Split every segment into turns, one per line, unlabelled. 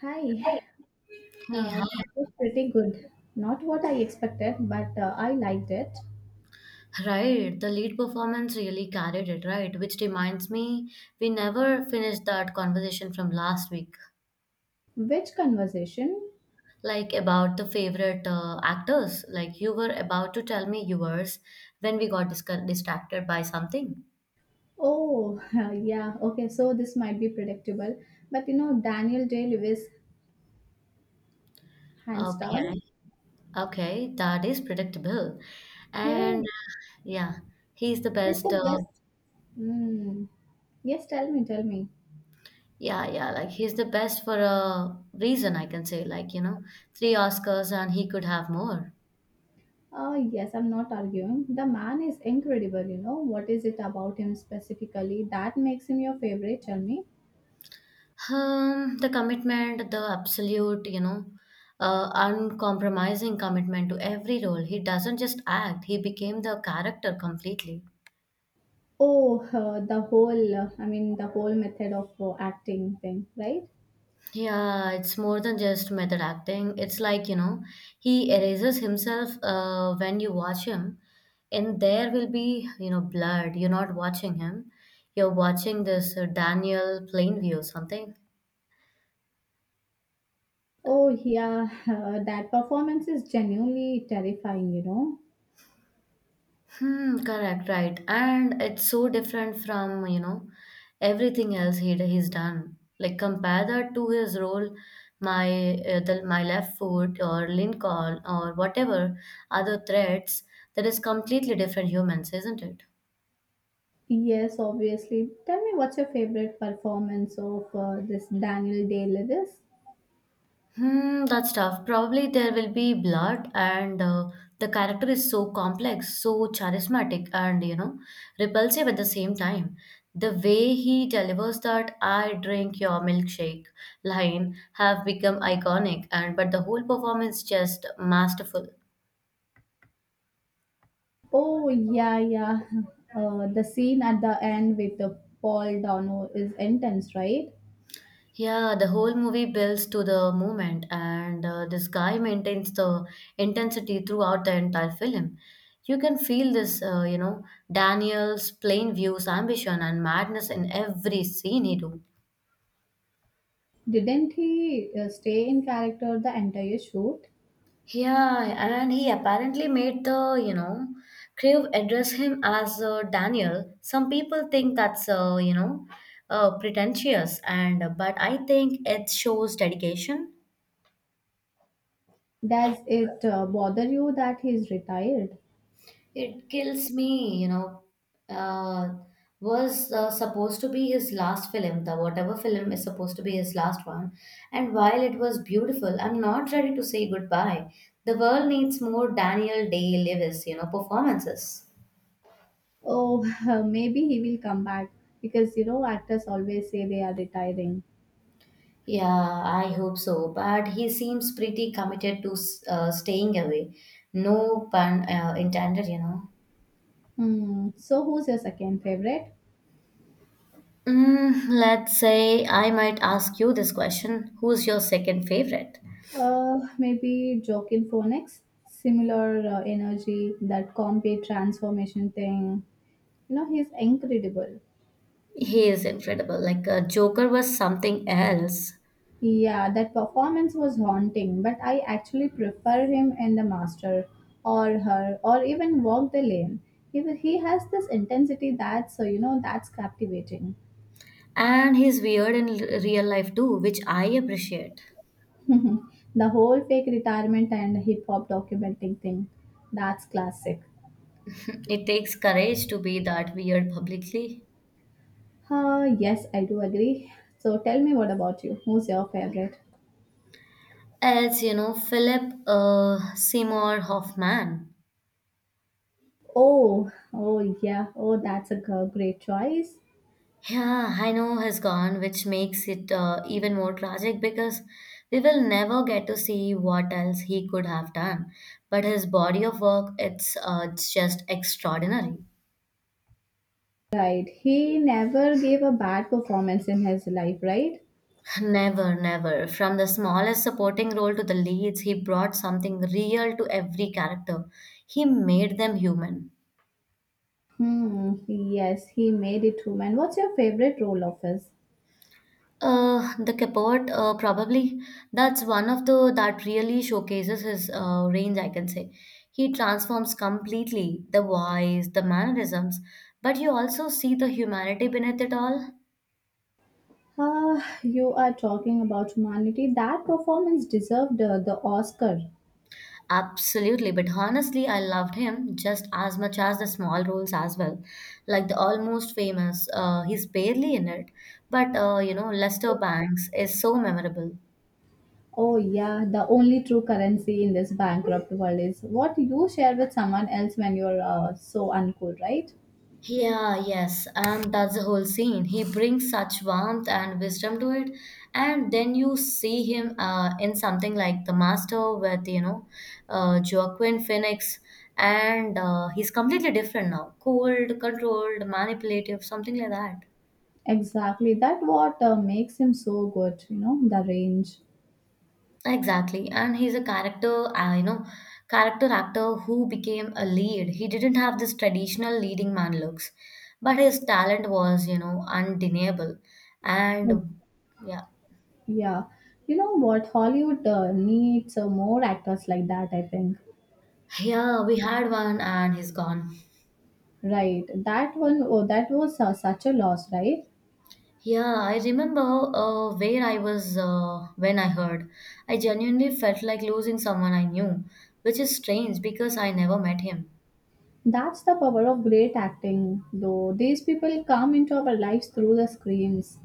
Hi,
Hey, hi.
that was pretty good. Not what I expected, but I liked it.
Right, the lead performance really carried it, right? Which reminds me, we never finished that conversation from last week,
Which conversation?
like about the favorite actors. Like you were about to tell me yours when we got distracted by something.
Oh, yeah, okay, so this might be predictable, but you know, Daniel Day Lewis, hands down.
Okay, okay, that is predictable. And
Hey,
yeah, he's the
he's the
best.
best. Mm. Yes, tell me, tell me.
Yeah, yeah, like he's the best for a reason, I can say. Like, you know, three Oscars and he could have more.
Oh, yes, I'm not arguing. The man is incredible, you know. What is it about him specifically that makes him your favorite? Tell me.
The commitment, the absolute, you know, uncompromising commitment to every role. He doesn't just act, he became the character completely.
Oh, the whole method of acting thing, right?
Yeah, it's more than just method acting. It's like, you know, he erases himself when you watch him, and there will be, you know, blood. You're not watching him, you're watching this Daniel Plainview, something.
Oh, yeah, that performance is genuinely terrifying, you know?
Hmm, correct, right. And it's so different from, you know, everything else he's done. Like compare that to his role, my my left foot or Lincoln or whatever other threats, that is completely different humans, isn't it?
Yes, obviously. Tell me, what's your favorite performance of this Daniel Day Lewis?
Hmm, that's tough. Probably there will be blood, and the character is so complex, so charismatic, and you know, repulsive at the same time. The way he delivers that "I drink your milkshake" line have become iconic, and but the whole performance just masterful.
Oh, yeah, yeah. The scene at the end with the Paul Dano is intense, right?
Yeah, the whole movie builds to the moment, and this guy maintains the intensity throughout the entire film. You can feel this, you know, Daniel's plain views, ambition, and madness in every scene he do.
Didn't he stay in character the entire shoot?
Yeah, and he apparently made the, you know, crew address him as Daniel. Some people think that's, you know, pretentious, and but I think it shows dedication.
Does it bother you that he's retired?
It kills me, you know. Uh, was supposed to be his last film, the whatever film is supposed to be his last one. And while it was beautiful, I'm not ready to say goodbye. The world needs more Daniel Day Lewis, you know, performances.
Oh, maybe he will come back because you know actors always say they are retiring.
Yeah, I hope so. But he seems pretty committed to staying away. No pun intended, you know.
Hmm. So who's your second favorite?
Mm, let's say I might ask you this question. Who's your second favorite?
Maybe Joaquin Phoenix. Similar energy, that combi transformation thing. You know he's incredible.
He is incredible. Like Joker was something else,
Yeah, that performance was haunting, but I actually prefer him in The Master or Her or even Walk the Lane. He has this intensity that's, that's captivating.
and he's weird in real life too, which I appreciate.
Mhm. The whole fake retirement and hip hop documenting thing. That's classic.
It takes courage to be that weird publicly.
Ah, yes, I do agree. So tell me, what about you? Who's your favorite?
Else, you know, Philip Seymour Hoffman.
Oh, oh yeah. Oh, that's a great choice.
Yeah, I know has gone, which makes it even more tragic because we will never get to see what else he could have done. But his body of work, it's just extraordinary.
Right. He never gave a bad performance in his life, right?
Never, never. From the smallest supporting role to the leads, he brought something real to every character. He made them human.
Hmm. Yes, he made it through. Man, what's your favorite role of his?
The Capot, probably. That's one of the that really showcases his range, I can say. He transforms completely the voice, the mannerisms, but you also see the humanity beneath it all.
Ah, you are talking about humanity. That performance deserved the Oscar.
Absolutely, but honestly, I loved him just as much as the small roles as well. Like the almost famous, he's barely in it, but you know, Lester Banks is so memorable.
Oh, yeah, the only true currency in this bankrupt world is what you share with someone else when you're so uncool, right?
Yeah, yes, and that's the whole scene. He brings such warmth and wisdom to it, and then you see him in something like The Master with you know Joaquin Phoenix, and he's completely different now, cold, controlled, manipulative, something like that.
Exactly. That what makes him so good, you know, the range.
Exactly, and he's a character, you know, character actor who became a lead. He didn't have this traditional leading man looks, but his talent was, you know, undeniable. And yeah,
Yeah. You know what? Hollywood needs more actors like that, I think.
yeah, we had one, and he's gone.
Right. That one, oh, that was such a loss, right?
Yeah, I remember where I was when I heard. I genuinely felt like losing someone I knew, which is strange because I never met him.
That's the power of great acting, though. These people come into our lives through the screens.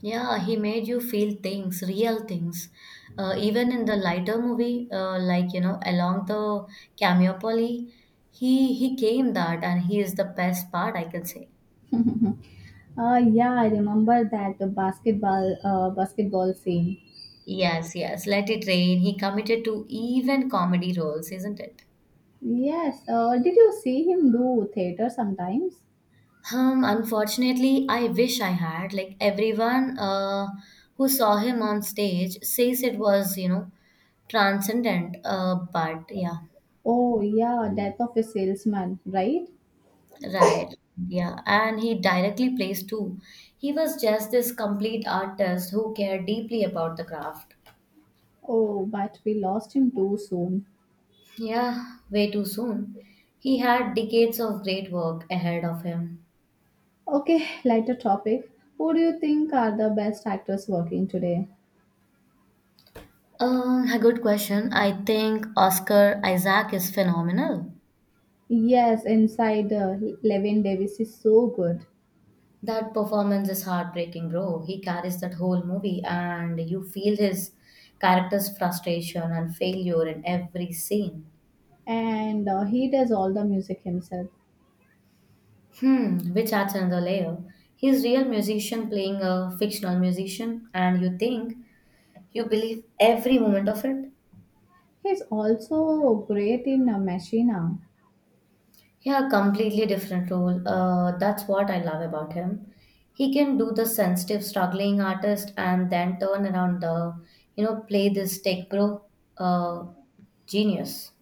Yeah, he made you feel things, real things. Even in the lighter movie, like you know, along the Cameopoli, he came that, and he is the best part I can say.
yeah, I remember that the basketball scene.
Yes, yes. Let it rain. He committed to even comedy roles, isn't it?
Yes. Did you see him do theater sometimes?
Unfortunately, I wish I had. Like everyone who saw him on stage says it was, you know, transcendent. But yeah.
Oh yeah, Death of a Salesman, right?
Right. Yeah. And he directly plays too. He was just this complete artist who cared deeply about the craft.
Oh, but we lost him too soon.
Yeah, way too soon. He had decades of great work ahead of him.
Okay, lighter topic. Who do you think are the best actors working today?
A good question. I think Oscar Isaac is phenomenal.
Yes, inside Levin Davis is so good,
That performance is heartbreaking, bro. He carries that whole movie, and you feel his character's frustration and failure in every scene.
and he does all the music himself.
Hmm, which adds another layer. He's real musician playing a fictional musician, and you think you believe every moment of it.
He's also great in Machina.
Yeah, completely different role. That's what I love about him. He can do the sensitive, struggling artist, and then turn around the, you know, play this tech bro. Uh, genius.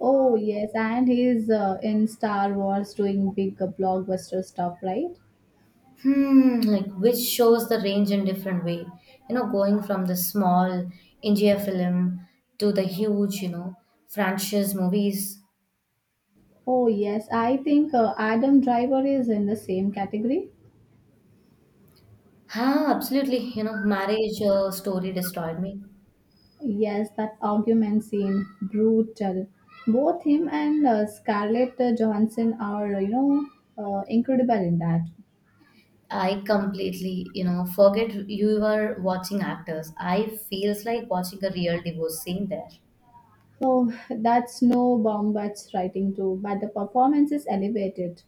Oh yes, and he's in Star Wars doing big blockbuster stuff, right?
Hmm, like which shows the range in different way. You know, going from the small India film to the huge, you know, franchise movies.
Oh yes, I think Adam Driver is in the same category.
Ah, absolutely. You know, marriage story destroyed me.
Yes, that argument scene, brutal. Both him and Scarlett Johansson are, incredible in that.
I completely, you know, forget you were watching actors. I feels like watching a real divorce scene there.
Oh, that's no Bombach's writing too, but the performance is elevated.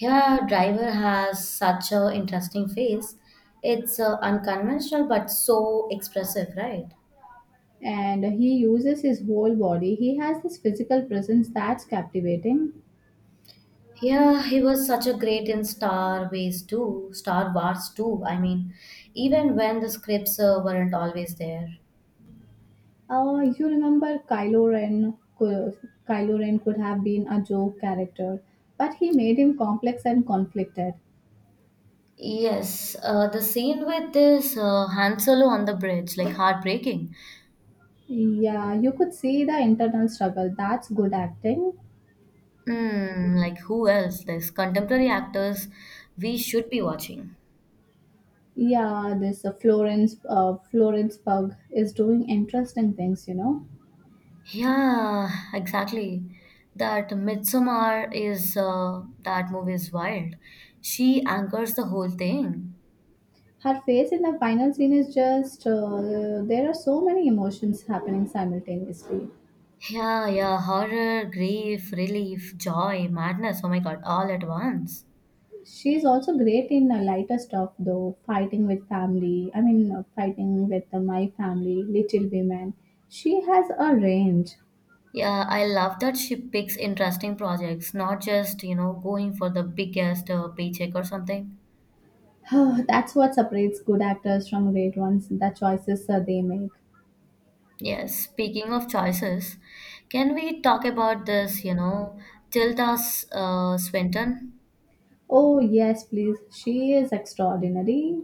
Yeah, Driver has such a interesting face. It's unconventional but so expressive, right?
And he uses his whole body. He has this physical presence that's captivating.
Yeah, he was such a great in Star Wars too, Star Wars too. I mean, even when the scripts weren't always there.
You remember Kylo Ren? Kylo Ren could have been a joke character, but he made him complex and conflicted.
Yes, the scene with this Han Solo on the bridge, like heartbreaking.
Yeah, you could see the internal struggle. That's good acting.
Mm, like who else? There's contemporary actors we should be watching.
Yeah, this Florence Pug is doing interesting things. You know,
Yeah, exactly. That Midsommar is that movie is wild. She anchors the whole thing.
her face in the final scene is just there are so many emotions happening simultaneously.
Yeah, yeah, horror, grief, relief, joy, madness. Oh my God, all at once.
She's also great in lighter stuff though, fighting with family. I mean, fighting with my family, Little Women. She has a range.
Yeah, I love that she picks interesting projects, not just, you know, going for the biggest paycheck or something.
That's what separates good actors from great ones, the choices they make.
Yes, speaking of choices, can we talk about this, you know, Tilda Swinton?
Oh, yes, please. She is extraordinary.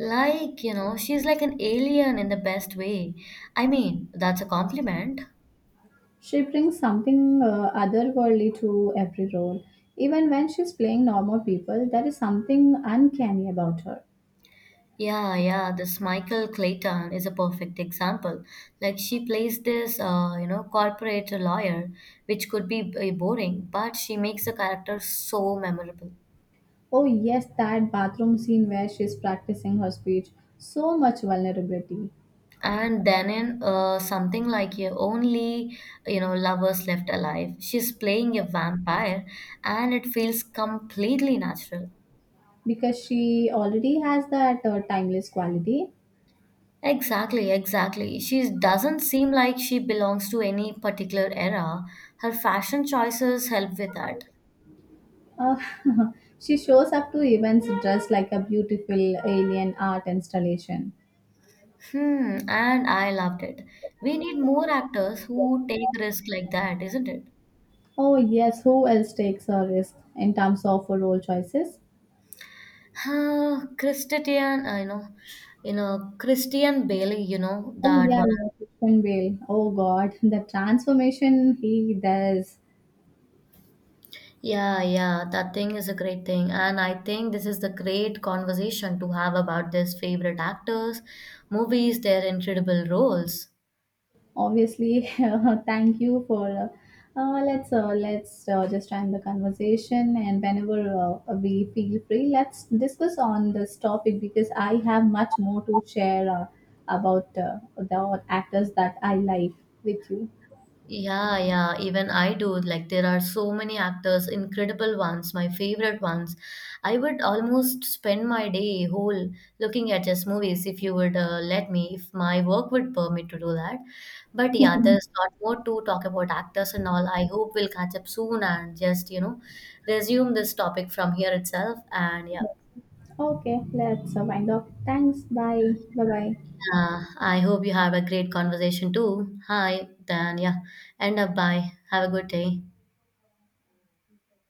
Like, you know, she's like an alien in the best way. I mean, that's a compliment.
She brings something otherworldly to every role. Even when she's playing normal people, there is something uncanny about her.
Yeah, yeah, this Michael Clayton is a perfect example. Like she plays this, you know, corporate lawyer, which could be boring, but she makes the character so memorable.
Oh, yes, that bathroom scene where she's practicing her speech. So much vulnerability
And then in something like your only, you know, lovers left alive, she's playing a vampire, and it feels completely natural.
because she already has that timeless quality.
Exactly, exactly. She doesn't seem like she belongs to any particular era. Her fashion choices help with that.
Uh, she shows up to events dressed like a beautiful alien art installation.
Hmm, and I loved it. We need more actors who take risk like that, isn't it?
Oh, yes, who else takes a risk in terms of role choices?
Huh, Christian, I know, you know, Christian Bailey, you know,
Oh,
that
yeah,
one.
yeah, Christian Bale. Oh, God, the transformation he does.
Yeah, yeah, that thing is a great thing. And I think this is the great conversation to have about this favorite actors, movies, their incredible roles.
Obviously, thank you for. Let's just end the conversation, and whenever we feel free, let's discuss on this topic because I have much more to share about the actors that I like with you.
Yeah, yeah, even I do. Like, there are so many actors, incredible ones, my favorite ones. I would almost spend my day whole looking at just movies if you would let me, if my work would permit to do that. But yeah, there's a lot more to talk about actors and all. I hope we'll catch up soon and just, you know, resume this topic from here itself. And yeah,
Okay, let's wind up. Thanks. Bye. Bye. Bye.
I hope you have a great conversation too. Hi, then yeah, end up bye. Have a good day.